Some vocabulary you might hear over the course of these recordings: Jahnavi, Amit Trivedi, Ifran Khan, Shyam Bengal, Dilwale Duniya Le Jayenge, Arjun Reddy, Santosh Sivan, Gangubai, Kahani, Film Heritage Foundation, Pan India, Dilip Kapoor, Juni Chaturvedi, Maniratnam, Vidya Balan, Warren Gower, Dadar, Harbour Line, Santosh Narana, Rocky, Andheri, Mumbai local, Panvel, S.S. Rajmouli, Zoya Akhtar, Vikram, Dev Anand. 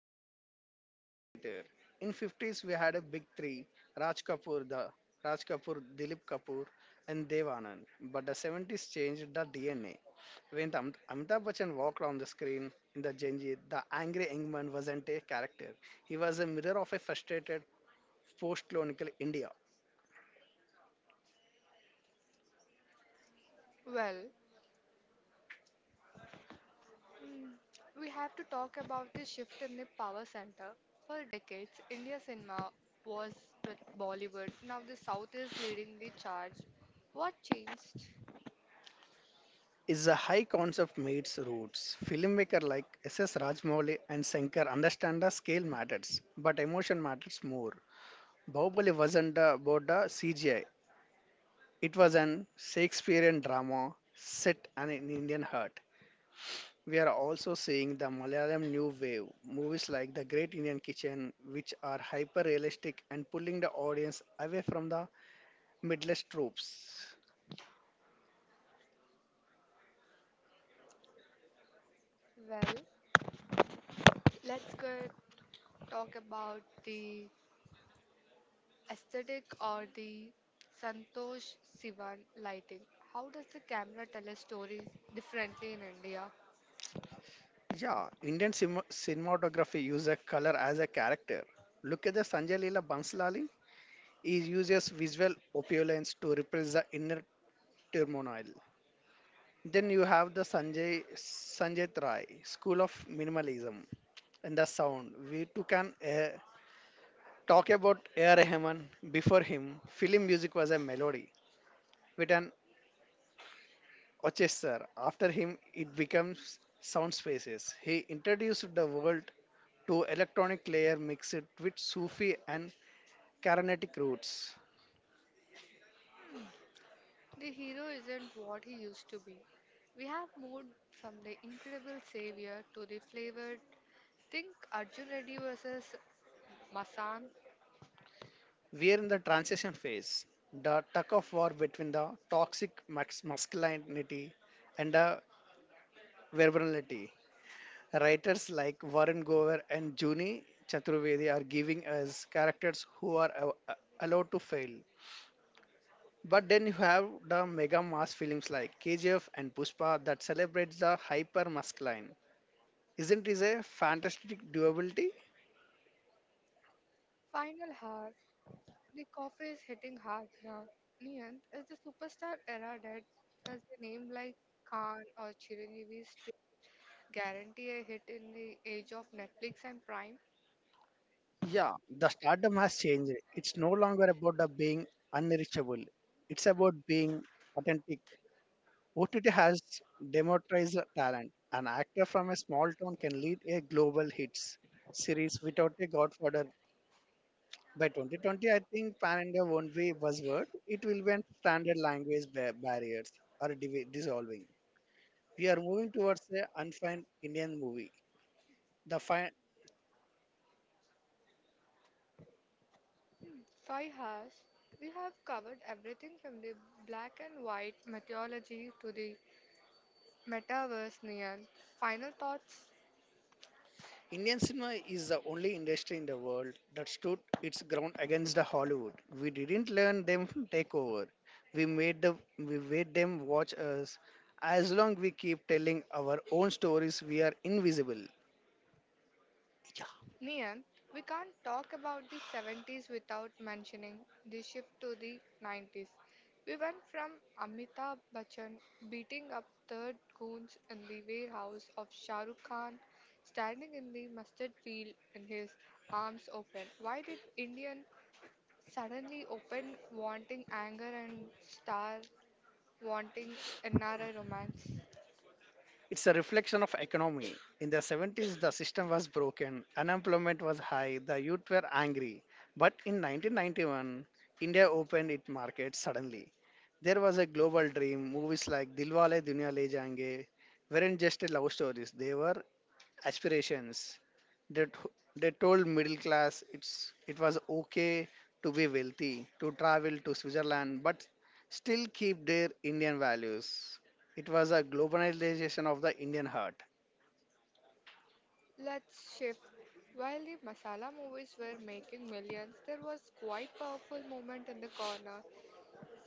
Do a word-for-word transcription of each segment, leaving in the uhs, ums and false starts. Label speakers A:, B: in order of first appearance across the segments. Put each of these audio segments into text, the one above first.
A: Asian folk theater. In fifties we had a big three: Raj Kapoor, the Raj Kapoor, Dilip Kapoor, and Dev Anand. But the seventies changed the D N A. When Am- Amitabh Bachchan walked on the screen in the Janjeer, the angry young man wasn't a character. He was a mirror of a frustrated post-colonial India.
B: Well, Mm, We have to talk about the shift in the power center. For decades, India cinema was with Bollywood. Now the South is leading the charge. What changed?
A: Is a high concept meets roots. Filmmaker like S S. Rajmouli and Sankar understand the scale matters, but emotion matters more. Bahubali wasn't about the C G I. It was an Shakespearean drama set in an Indian heart. We are also seeing the Malayalam new wave movies like The Great Indian Kitchen, which are hyper realistic and pulling the audience away from the midless tropes.
B: Well, let's go talk about the aesthetic or the Santosh Sivan lighting. How does the camera tell a story differently in India?
A: Yeah, Indian cinema- cinematography uses color as a character. Look at the Sanjay Leela Banslali. He uses visual opulence to repress the inner turmoil. Then you have the Sanjay Sanjay Rai School of Minimalism and the sound. We too can uh, talk about A R. Rahman. Before him, film music was a melody with an orchestra. After him, it becomes sound spaces. He introduced the world to electronic layer mixed with Sufi and Carnatic roots.
B: The hero isn't what he used to be. We have moved from the incredible savior to the flavored. Think Arjun Reddy versus Masan.
A: We are in the transition phase, the tug of war between the toxic max- masculinity and the verbality. Writers like Warren Gower and Juni Chaturvedi are giving us characters who are a- a- allowed to fail. But then you have the mega mass films like K G F and Pushpa that celebrates the hyper masculine. Isn't this a fantastic durability?
B: Final hour. The coffee is hitting hard now. Niyant, is the superstar era dead? Does the name like Khan or Chiranjeevi still guarantee a hit in the age of Netflix and Prime?
A: Yeah, the stardom has changed. It's no longer about the being unreachable. It's about being authentic. O T T has democratized talent. An actor from a small town can lead a global hits series without a godfather. By twenty twenty, I think Pan India won't be a buzzword. It will be a standard language ba- barriers are divi- dissolving. We are moving towards the unfined Indian movie. The fi-
B: Five hours. We have covered everything from the black and white mythology to the Metaverse, Nian. Final thoughts?
A: Indian cinema is the only industry in the world that stood its ground against the Hollywood. We didn't learn them take over. We made the we made them watch us. As long we keep telling our own stories, we are invisible.
B: Nian, we can't talk about the seventies without mentioning the shift to the nineties. We went from Amitabh Bachchan beating up third goons in the warehouse of Shah Rukh Khan, standing in the mustard field in his arms open. Why did Indian suddenly open wanting anger and star wanting N R I romance?
A: It's a reflection of economy. In the seventies, the system was broken, unemployment was high, the youth were angry. But in nineteen ninety-one, India opened its market suddenly. There was a global dream. Movies like Dilwale Duniya Le Jayenge weren't just love stories; they were aspirations. They, t- they told middle class it's it was okay to be wealthy, to travel to Switzerland, but still keep their Indian values. It was a globalization of the Indian heart.
B: Let's shift. While the masala movies were making millions, there was quite powerful movement in the corner.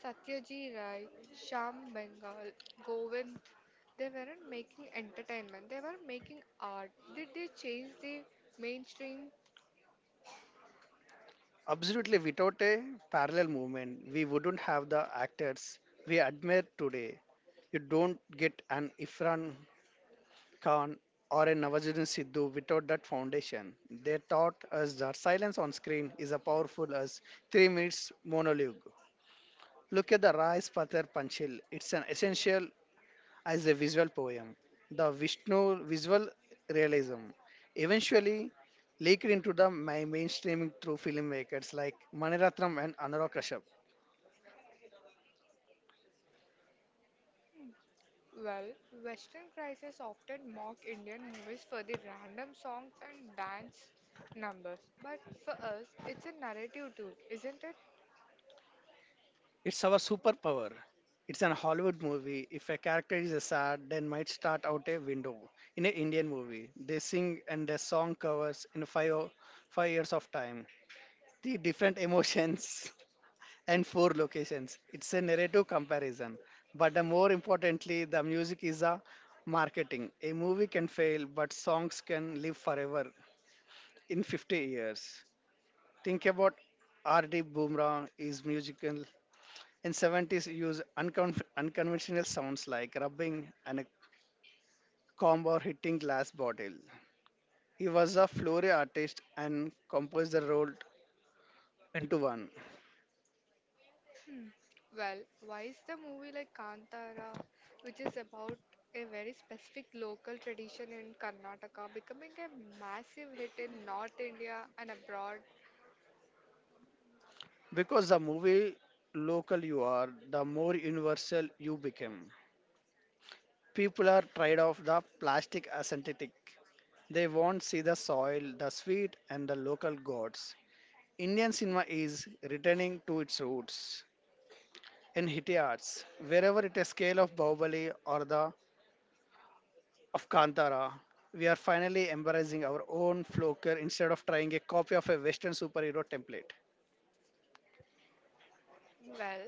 B: Satyajit Ray, Shyam Bengal, Govind, they weren't making entertainment, they were making art. Did they change the mainstream?
A: Absolutely, without a parallel movement, we wouldn't have the actors we admire today. You don't get an Ifran Khan or a Nawazuddin Siddiqui without that foundation. They taught us that silence on screen is as powerful as three minutes monologue. Look at the Rais Patar Panchil. It's an essential as a visual poem. The Vishnu visual realism eventually leaked into the ma- mainstreaming through filmmakers like Maniratnam and Anurag Kashyap.
B: Well, Western crises often mock Indian movies for the random songs and dance numbers. But for us, it's a narrative too, isn't it?
A: It's our superpower. It's an Hollywood movie. If a character is sad, then might start out a window. In an Indian movie, they sing and the song covers in five o- five years of time. The different emotions and four locations. It's a narrative comparison. But the more importantly, the music is a marketing. A movie can fail, but songs can live forever in fifty years. Think about R D. Boomerang is musical in seventies, use uncon- unconventional sounds like rubbing and a comb or hitting glass bottle. He was a flurry artist and composed the role into one.
B: Well, why is the movie like Kantara, which is about a very specific local tradition in Karnataka, becoming a massive hit in North India and abroad?
A: Because the movie local you are, the more universal you become. People are tired of the plastic aesthetic. They want see the soil, the sweet, and the local gods. Indian cinema is returning to its roots in Hitty arts, wherever it is scale of Bahubali or the of Kantara. We are finally embracing our own flaker instead of trying a copy of a Western superhero template.
B: Well,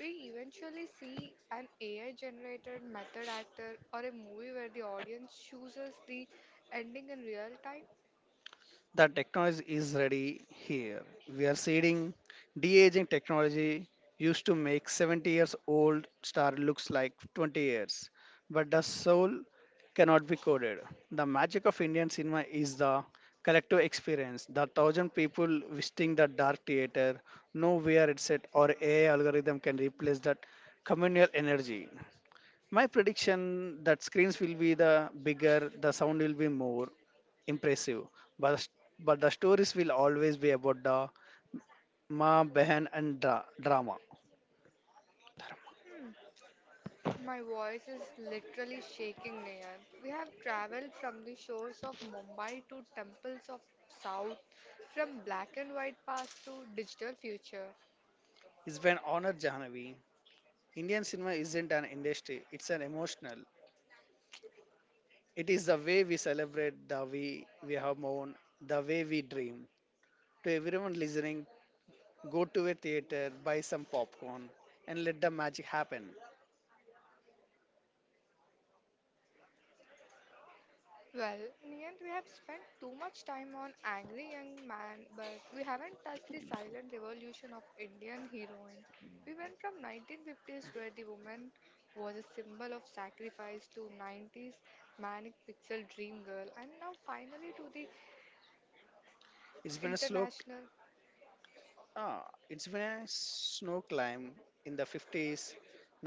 B: we eventually see an A I generated method actor or a movie where the audience chooses the ending in real time.
A: The technology is ready here. We are seeding de-aging technology used to make seventy years old star looks like twenty years, but the soul cannot be coded. The magic of Indian cinema is the collective experience. The thousand people visiting the dark theater, nowhere it's set or A I algorithm can replace that communal energy. My prediction that screens will be the bigger, the sound will be more impressive, but but the stories will always be about the ma behind and dra- drama.
B: Hmm. My voice is literally shaking, Nayan. We have traveled from the shores of Mumbai to temples of South, from black and white past to digital future.
A: It's been honored Jahanavi. Indian cinema isn't an industry; it's an emotional. It is the way we celebrate, the way we have mourn, the way we dream. To everyone listening, go to a theater, buy some popcorn, and let the magic happen.
B: Well, Nayan, we have spent too much time on angry young man, but we haven't touched the silent revolution of Indian heroine. We went from nineteen fifties where the woman was a symbol of sacrifice to nineties manic pixel dream girl and now finally to the
A: It's been a slow
B: international.
A: Ah, it's been a snow climb in the fifties.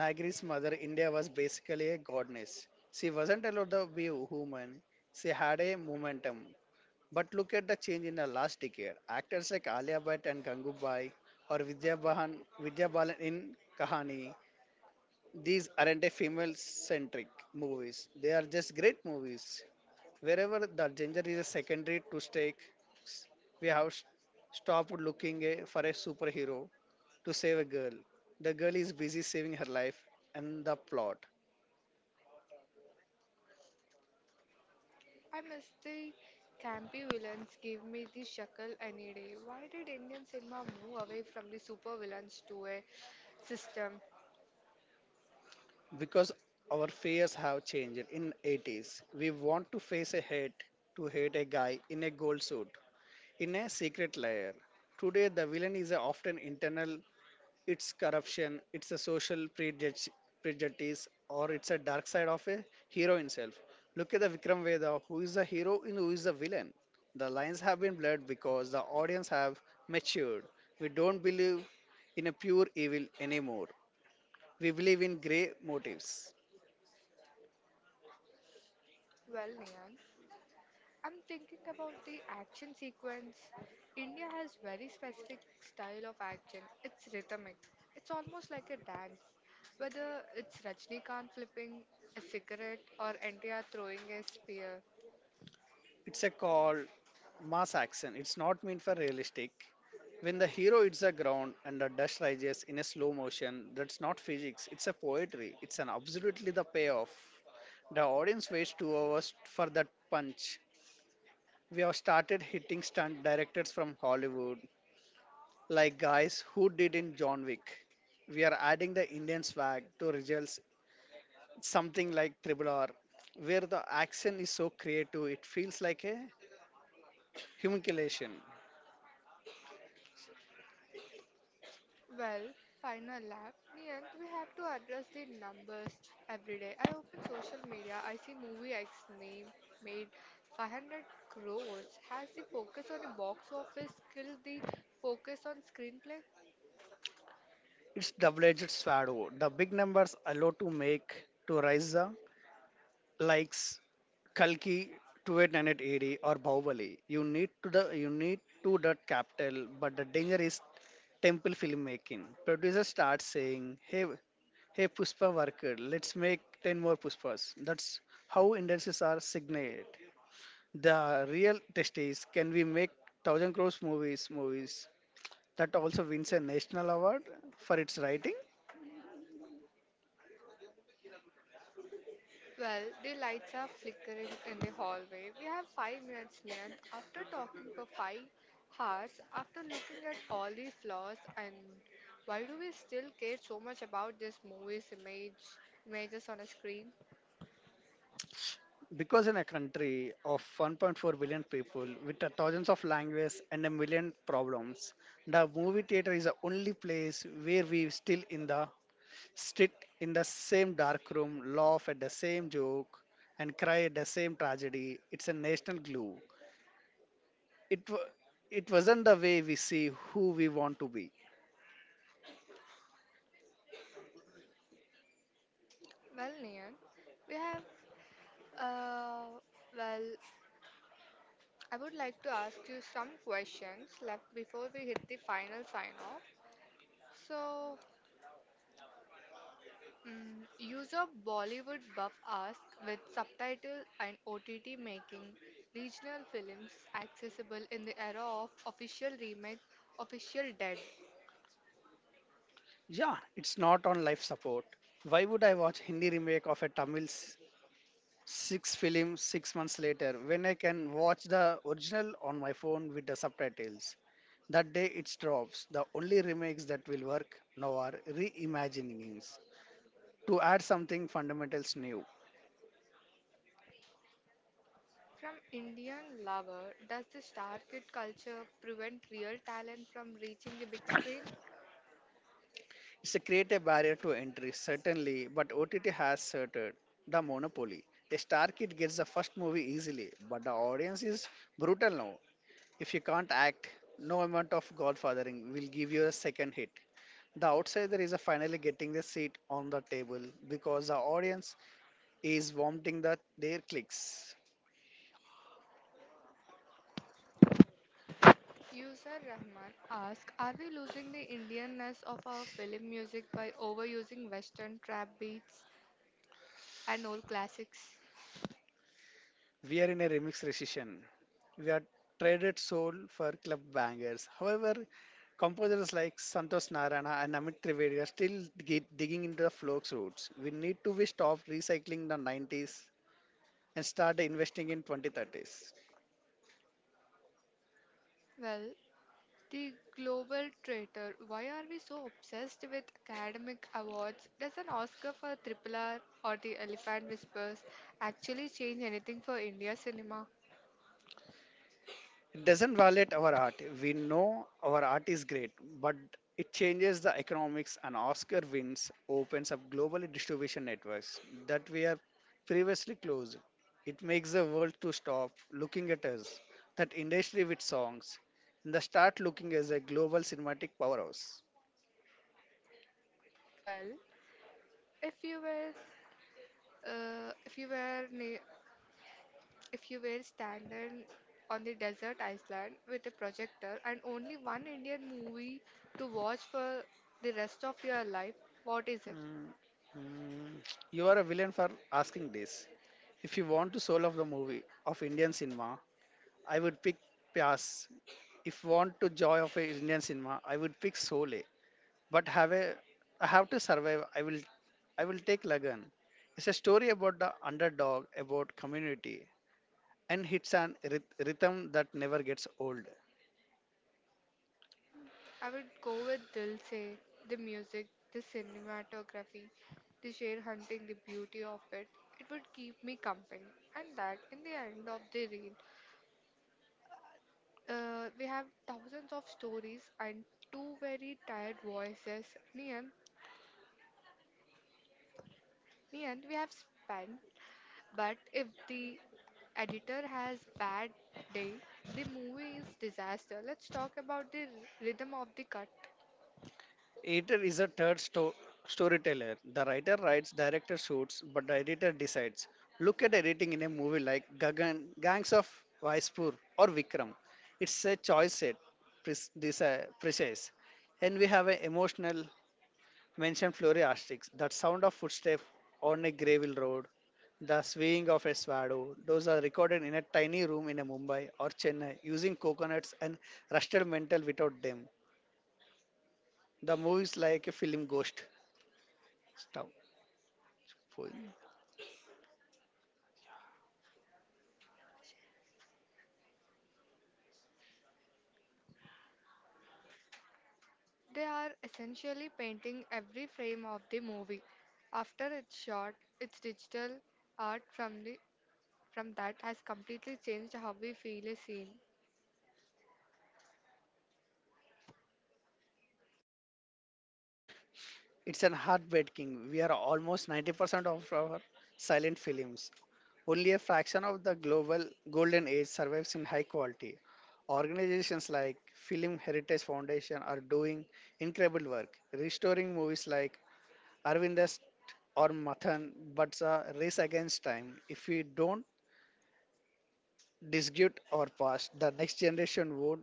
A: Nigeri's mother India was basically a goddess. She wasn't allowed to be human. She had a momentum. But look at the change in the last decade. Actors like Alia Bhatt and Gangubai or Vidya Bahan, Vidya Balan in Kahani. These aren't a female-centric movies. They are just great movies. Wherever the gender is a secondary to stakes, we have s- stopped looking eh, for a superhero to save a girl. The girl is busy saving her life and the plot.
B: I miss the campy villains gave me the shackle any day. Why did Indian cinema move away from the super villains to a system?
A: Because our fears have changed in eighties. We want to face a hate to hate a guy in a gold suit in a secret layer. Today the villain is a often internal it's corruption, it's a social prejudge, prejudice, or it's a dark side of a hero himself. Look at the Vikram Veda, who is the hero and who is the villain. The lines have been blurred because the audience have matured. We don't believe in a pure evil anymore. We believe in grey motives.
B: Well, Nian, I'm thinking about the action sequence. India has very specific style of action. It's rhythmic. It's almost like a dance. Whether it's Rajnikant flipping a cigarette or N T R throwing a spear.
A: It's a called mass action. It's not meant for realistic. When the hero hits the ground and the dust rises in a slow motion, that's not physics. It's a poetry. It's an absolutely the payoff. The audience waits two hours for that punch. We have started hitting stunt directors from Hollywood, like guys who did in John Wick. We are adding the Indian swag to results, something like Triple R, where the action is so creative it feels like a humiliation.
B: Well, final lap. Niyant, we have to address the numbers every day. I open social media, I see movie X name made five hundred crores. Has the focus on the box office killed the focus on screenplay?
A: It's double-edged sword. The big numbers allow to make to rise the likes Kalki twenty eight eighty or Bahubali. You need to the you need to that capital, but the danger is temple filmmaking. Producer starts saying, "Hey, hey, Puspa worker, let's make ten more Puspas." That's how industries are signaled. The real test is, can we make thousand crores movies? Movies that also wins a national award for its writing.
B: Well, the lights are flickering in the hallway. We have five minutes, Niyant. After talking for five hours, after looking at all the flaws, and why do we still care so much about this movie's image, images on a screen?
A: Because in a country of one point four billion people with a thousands of languages and a million problems, the movie theater is the only place where we still in the sit in the same dark room, laugh at the same joke, and cry at the same tragedy. It's a national glue. It wa it wasn't the way we see who we want to be.
B: Well, Neil, we have, uh, well, I would like to ask you some questions left before we hit the final sign off. So, mm user Bollywood Buff asks, with subtitle and O T T making regional films accessible in the era of official remake, official dead.
A: Yeah, it's not on life support. Why would I watch Hindi remake of a Tamil s- six film six months later when I can watch the original on my phone with the subtitles? That day it drops. The only remakes that will work now are reimaginings to add something fundamentals new
B: From Indian lover, does the star kid culture prevent real talent from reaching the big screen?
A: It's a create a barrier to entry, certainly, but O T T has asserted the monopoly. A star kid gets the first movie easily, but the audience is brutal now. If you can't act, no amount of godfathering will give you a second hit. The outsider is finally getting the seat on the table because the audience is vomiting the, their clicks.
B: User Rahman asks, are we losing the Indianness of our film music by overusing Western trap beats and old classics?
A: We are in a remix recession. We are traded soul for club bangers. However, composers like Santosh Narana and Amit Trivedi are still dig- digging into the folk's roots. We need to be stop recycling the nineties and start investing in twenty thirties.
B: Well, the global traitor, why are we so obsessed with academic awards? Does an Oscar for Triple R or The Elephant Whispers actually change anything for India cinema?
A: It doesn't violate our art. We know our art is great, but it changes the economics and Oscar wins opens up global distribution networks that we are previously closed. It makes the world to stop looking at us, that industry with songs, and the start looking as a global cinematic powerhouse.
B: Well, if you were, uh, if you were na- If you were standing on the desert island with a projector and only one Indian movie to watch for the rest of your life, what is it?
A: Mm, mm, you are a villain for asking this. If you want to soul of the movie of Indian cinema, I would pick Pyas. If you want to joy of a Indian cinema, I would pick Sole. But have a, I have to survive. I will, I will take Lagan. It's a story about the underdog, about community, and it's an ryth- rhythm that never gets old.
B: I would go with Dil Se, the music, the cinematography, the sheer hunting, the beauty of it. It would keep me company. And that in the end of the reel, uh, we have thousands of stories and two very tired voices. Me and me and we have spent. But if the editor has bad day, the movie is disaster. Let's talk about the r- rhythm of the cut.
A: Editor is a third sto- storyteller. The writer writes, director shoots, but the editor decides. Look at editing in a movie like Gagan, Gangs of Vaispur or Vikram. It's a choice set, pres- desi- precise. And we have an emotional mention floriastics, that sound of footsteps on a gravel road, the swaying of a swallow. Those are recorded in a tiny room in a Mumbai or Chennai using coconuts and rusted metal without them. The movie is like a film ghost. Stop. For-
B: They are essentially painting every frame of the movie. After it's shot, its digital art from the from that has completely changed how we feel a scene.
A: It's an heartbreaking. We are almost ninety percent of our silent films. Only a fraction of the global golden age survives in high quality. Organizations like Film Heritage Foundation are doing incredible work, restoring movies like Arvindas or Mathan, but it's a race against time. If we don't dispute our past, the next generation won't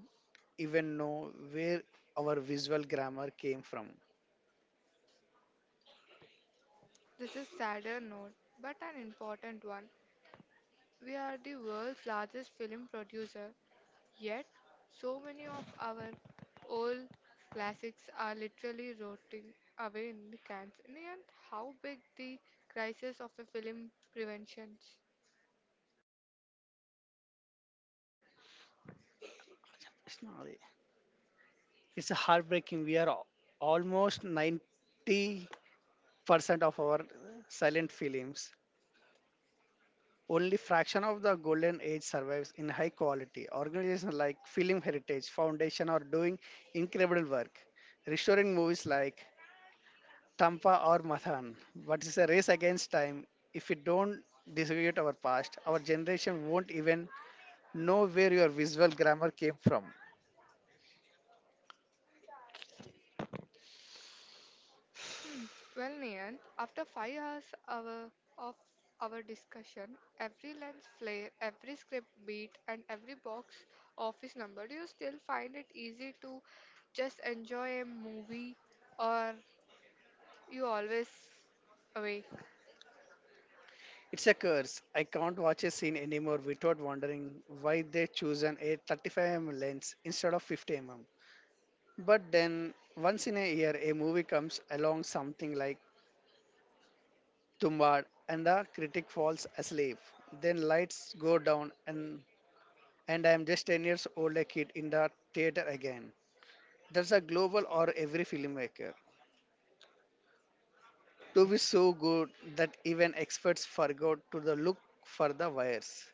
A: even know where our visual grammar came from.
B: This is sadder note, but an important one. We are the world's largest film producer, yet, so many of our old classics are literally rotting away in the cans. In how big the crisis of the film prevention?
A: It's heartbreaking. We are al- almost ninety percent of our silent films. Only fraction of the golden age survives in high quality. Organizations like Film Heritage Foundation are doing incredible work, restoring movies like Tampa or Mathan. But it's a race against time. If we don't distribute our past, our generation won't even know where your visual grammar came from.
B: Hmm. Well, Nian, after five hours our, of our discussion, every lens flare, every script beat, and every box office number, do you still find it easy to just enjoy a movie or you always awake.
A: It's a curse. I can't watch a scene anymore without wondering why they chosen a thirty-five millimeter lens instead of fifty millimeter. But then, once in a year, a movie comes along something like Tumbad and the critic falls asleep. Then lights go down and and I am just ten years old a kid in the theater again. That's a global or every filmmaker. To be so good that even experts forgot to the look for the wires.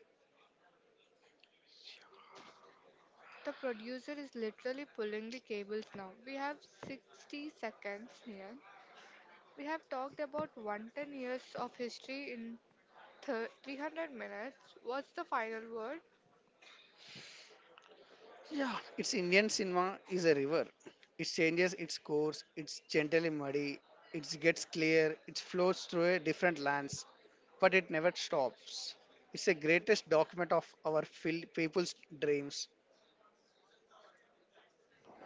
B: The producer is literally pulling the cables now. We have sixty seconds, Nian. We have talked about one hundred ten years of history in thir three hundred minutes. What's the final word?
A: Yeah, it's Indian cinema is a river. It changes its course, it's gently muddy, it gets clear, it flows through a different lands, but it never stops. It's the greatest document of our fil- people's dreams.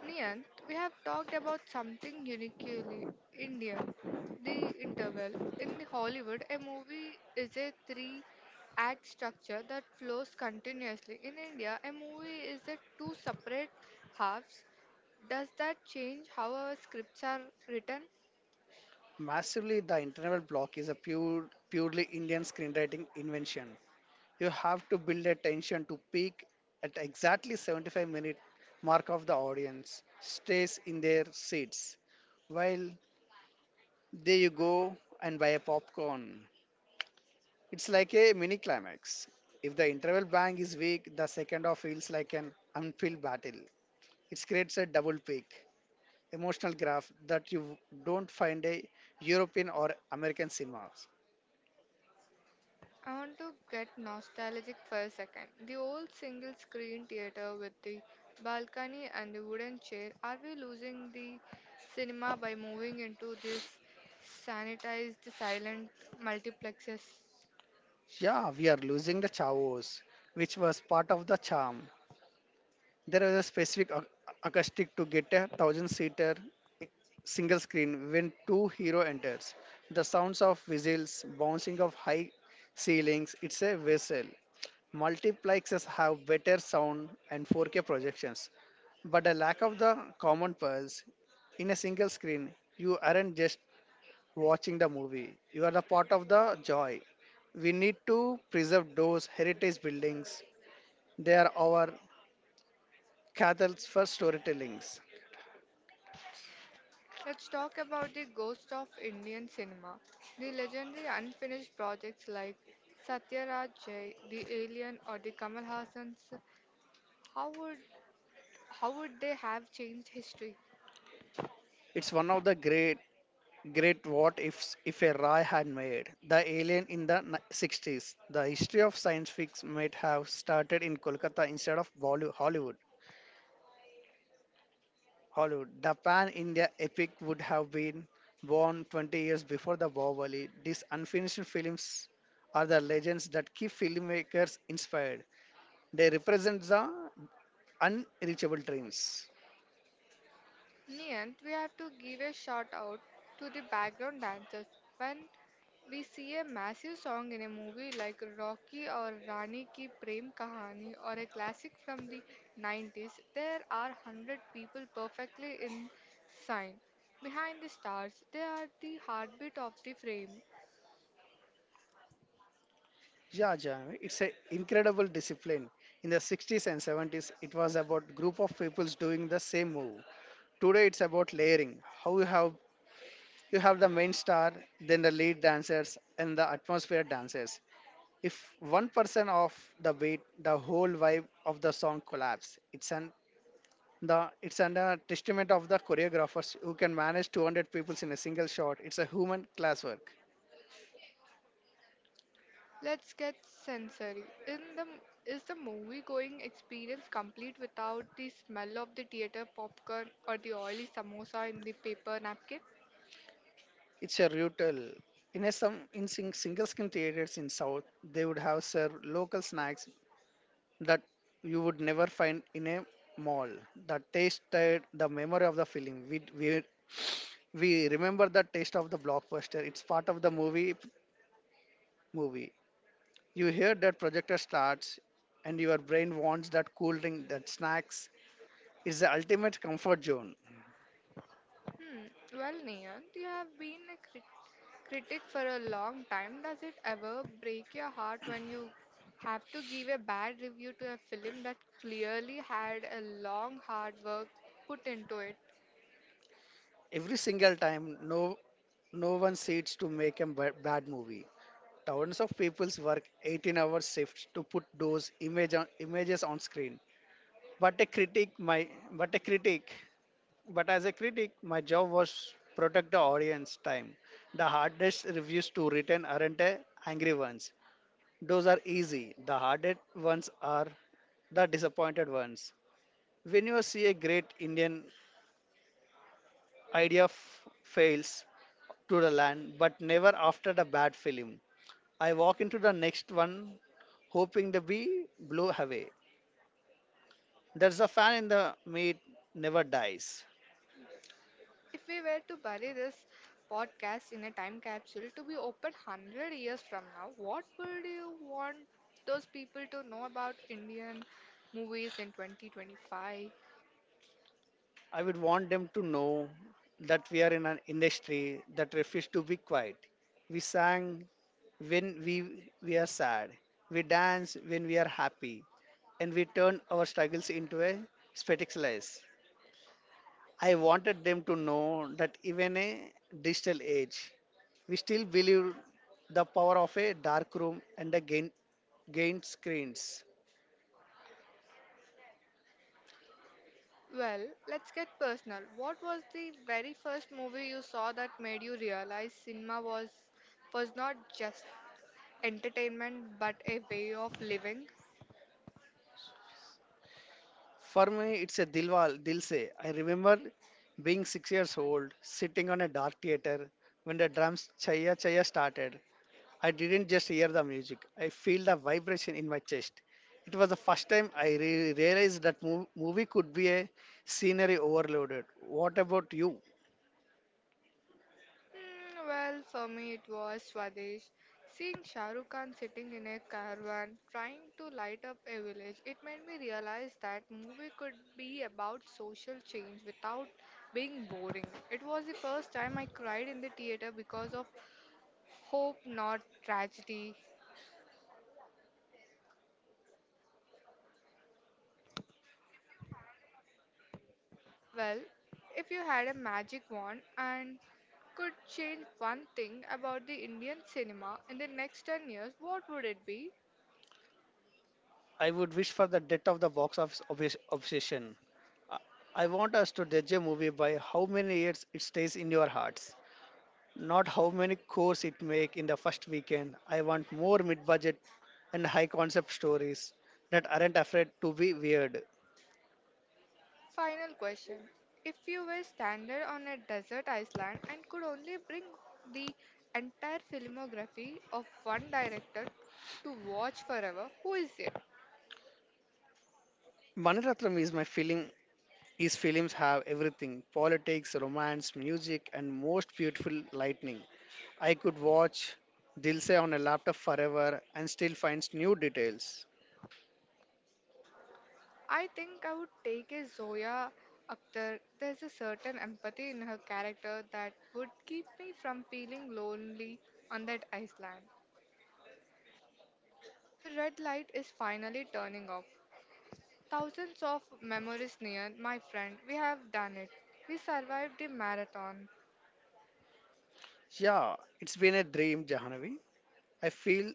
B: Niyant, we have talked about something uniquely Indian, the interval. In Hollywood, a movie is a three act structure that flows continuously. In India, a movie is a two separate halves. Does that change how our scripts are written?
A: Massively, the internal block is a pure, purely Indian screenwriting invention. You have to build a tension to peak at exactly seventy-five minute mark of the audience stays in their seats while There you go and buy a popcorn. It's like a mini climax. If the interval bang is weak, the second half feels like an unfilled battle. It creates a double peak emotional graph that you don't find a European or American cinemas.
B: I want to get nostalgic for a second. The old single screen theater with the balcony and the wooden chair. Are we losing the cinema by moving into this sanitized silent multiplexes?
A: Yeah, we are losing the chavos, which was part of the charm. There was a specific ac- acoustic to get a thousand seater single screen when two hero enters. The sounds of whistles, bouncing of high ceilings, it's a vessel. Multiplexes have better sound and four K projections, but a lack of the common pulse in a single screen, you aren't just watching the movie. You are the part of the joy. We need to preserve those heritage buildings. They are our cathedrals for storytelling.
B: Let's talk about the ghost of Indian cinema. The legendary unfinished projects like Satyaraj Jay, The Alien, or the Kamal Hassan's. How would how would they have changed history?
A: It's one of the great great what ifs if a Roy had made the alien in the ni- sixties. The history of science fiction might have started in Kolkata instead of Bolly- Hollywood. Hollywood. The pan India epic would have been born twenty years before the Bahubali. These unfinished films are the legends that keep filmmakers inspired. They represent the unreachable dreams.
B: Niyant, we have to give a shout out to the background dancers. When we see a massive song in a movie like Rocky or Rani Ki Prem Kahani or a classic from the nineties, there are one hundred people perfectly in sync. Behind the stars, they are the heartbeat of the frame.
A: Yeah, yeah, it's an incredible discipline. In the sixties and seventies, it was about group of peoples doing the same move. Today, it's about layering. How you have you have the main star, then the lead dancers, and the atmosphere dancers. If one person off the beat, the whole vibe of the song collapse. It's an the it's an a testament of the choreographers who can manage two hundred peoples in a single shot. It's a human classwork.
B: Let's get sensory. In the, is the movie going experience complete without the smell of the theater popcorn or the oily samosa in the paper napkin?
A: It's a rutal. In a some in sing, single screen theaters in South, they would have served local snacks that you would never find in a mall. The taste, that- the memory of the film. We we we remember the taste of the blockbuster. It's part of the movie movie. You hear that projector starts, and your brain wants that cool drink, that snacks. It's the ultimate comfort zone.
B: Hmm. Well, Niyant, you have been a crit- critic for a long time. Does it ever break your heart when you have to give a bad review to a film that clearly had a long, hard work put into it?
A: Every single time, no no one sits to make a ba- bad movie. Thousands of people's work eighteen-hour shifts to put those image on, images on screen. But a critic, my but a critic, but as a critic, my job was protect the audience time. The hardest reviews to written aren't the angry ones. Those are easy. The hardest ones are the disappointed ones. When you see a great Indian idea f- fails to the land, but never after the bad film. I walk into the next one hoping to be blown away. There's a fan in the meat never dies.
B: If we were to bury this podcast in a time capsule to be opened one hundred years from now, what would you want those people to know about Indian movies in twenty twenty-five?
A: I would want them to know that we are in an industry that refuses to be quiet. We sang when we we are sad. We dance when we are happy. And we turn our struggles into a spectacular. I wanted them to know that even a digital age, we still believe the power of a dark room and the gain, gain screens.
B: Well, let's get personal. What was the very first movie you saw that made you realize cinema was was not just entertainment but a way of living?
A: For me, it's a Dilwal, Dil Se. I remember being six years old, sitting on a dark theater when the drums Chaya Chaya started. I didn't just hear the music, I feel the vibration in my chest. It was the first time I re- realized that mov- movie could be a scenery overloaded. What about you?
B: Hmm, well, for me it was Swadesh. Seeing Shah Rukh Khan sitting in a caravan trying to light up a village, it made me realize that movie could be about social change without being boring. It was the first time I cried in the theater because of hope, not tragedy. Well, if you had a magic wand and could change one thing about the Indian cinema in the next ten years, what would it be?
A: I would wish for the death of the box office obs- obsession. I I want us to judge a movie by how many years it stays in your hearts. Not how many cores it make in the first weekend. I want more mid-budget and high-concept stories that aren't afraid to be weird.
B: Final question. If you were stranded on a desert island and could only bring the entire filmography of one director to watch forever, who is it?
A: Maniratnam is my feeling. His films have everything: politics, romance, music, and most beautiful lightning. I could watch Dilse on a laptop forever and still finds new details.
B: I think I would take a Zoya Akhtar. There's a certain empathy in her character that would keep me from feeling lonely on that island. The red light is finally turning off. Thousands of memories near, my friend. We have done it. We survived the marathon.
A: Yeah, it's been a dream, Jahanavi. I feel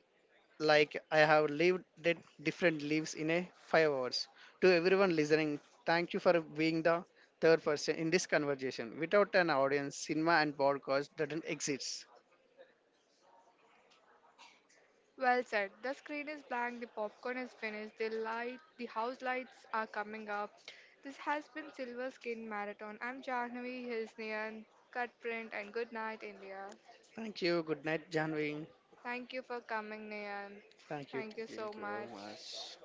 A: like I have lived did different lives in a five hours. To everyone listening, thank you for being the third person in this conversation. Without an audience, cinema and podcast doesn't exist.
B: Well said. The screen is blank, the popcorn is finished, the light, the house lights are coming up. This has been Silver Skin Marathon. I'm Jahnavi, here's Nian, cut print, and good night, India.
A: Thank you. Good night, Janvi.
B: Thank you for coming, Nian.
A: Thank you.
B: Thank you so
A: Thank you very
B: much.
A: much.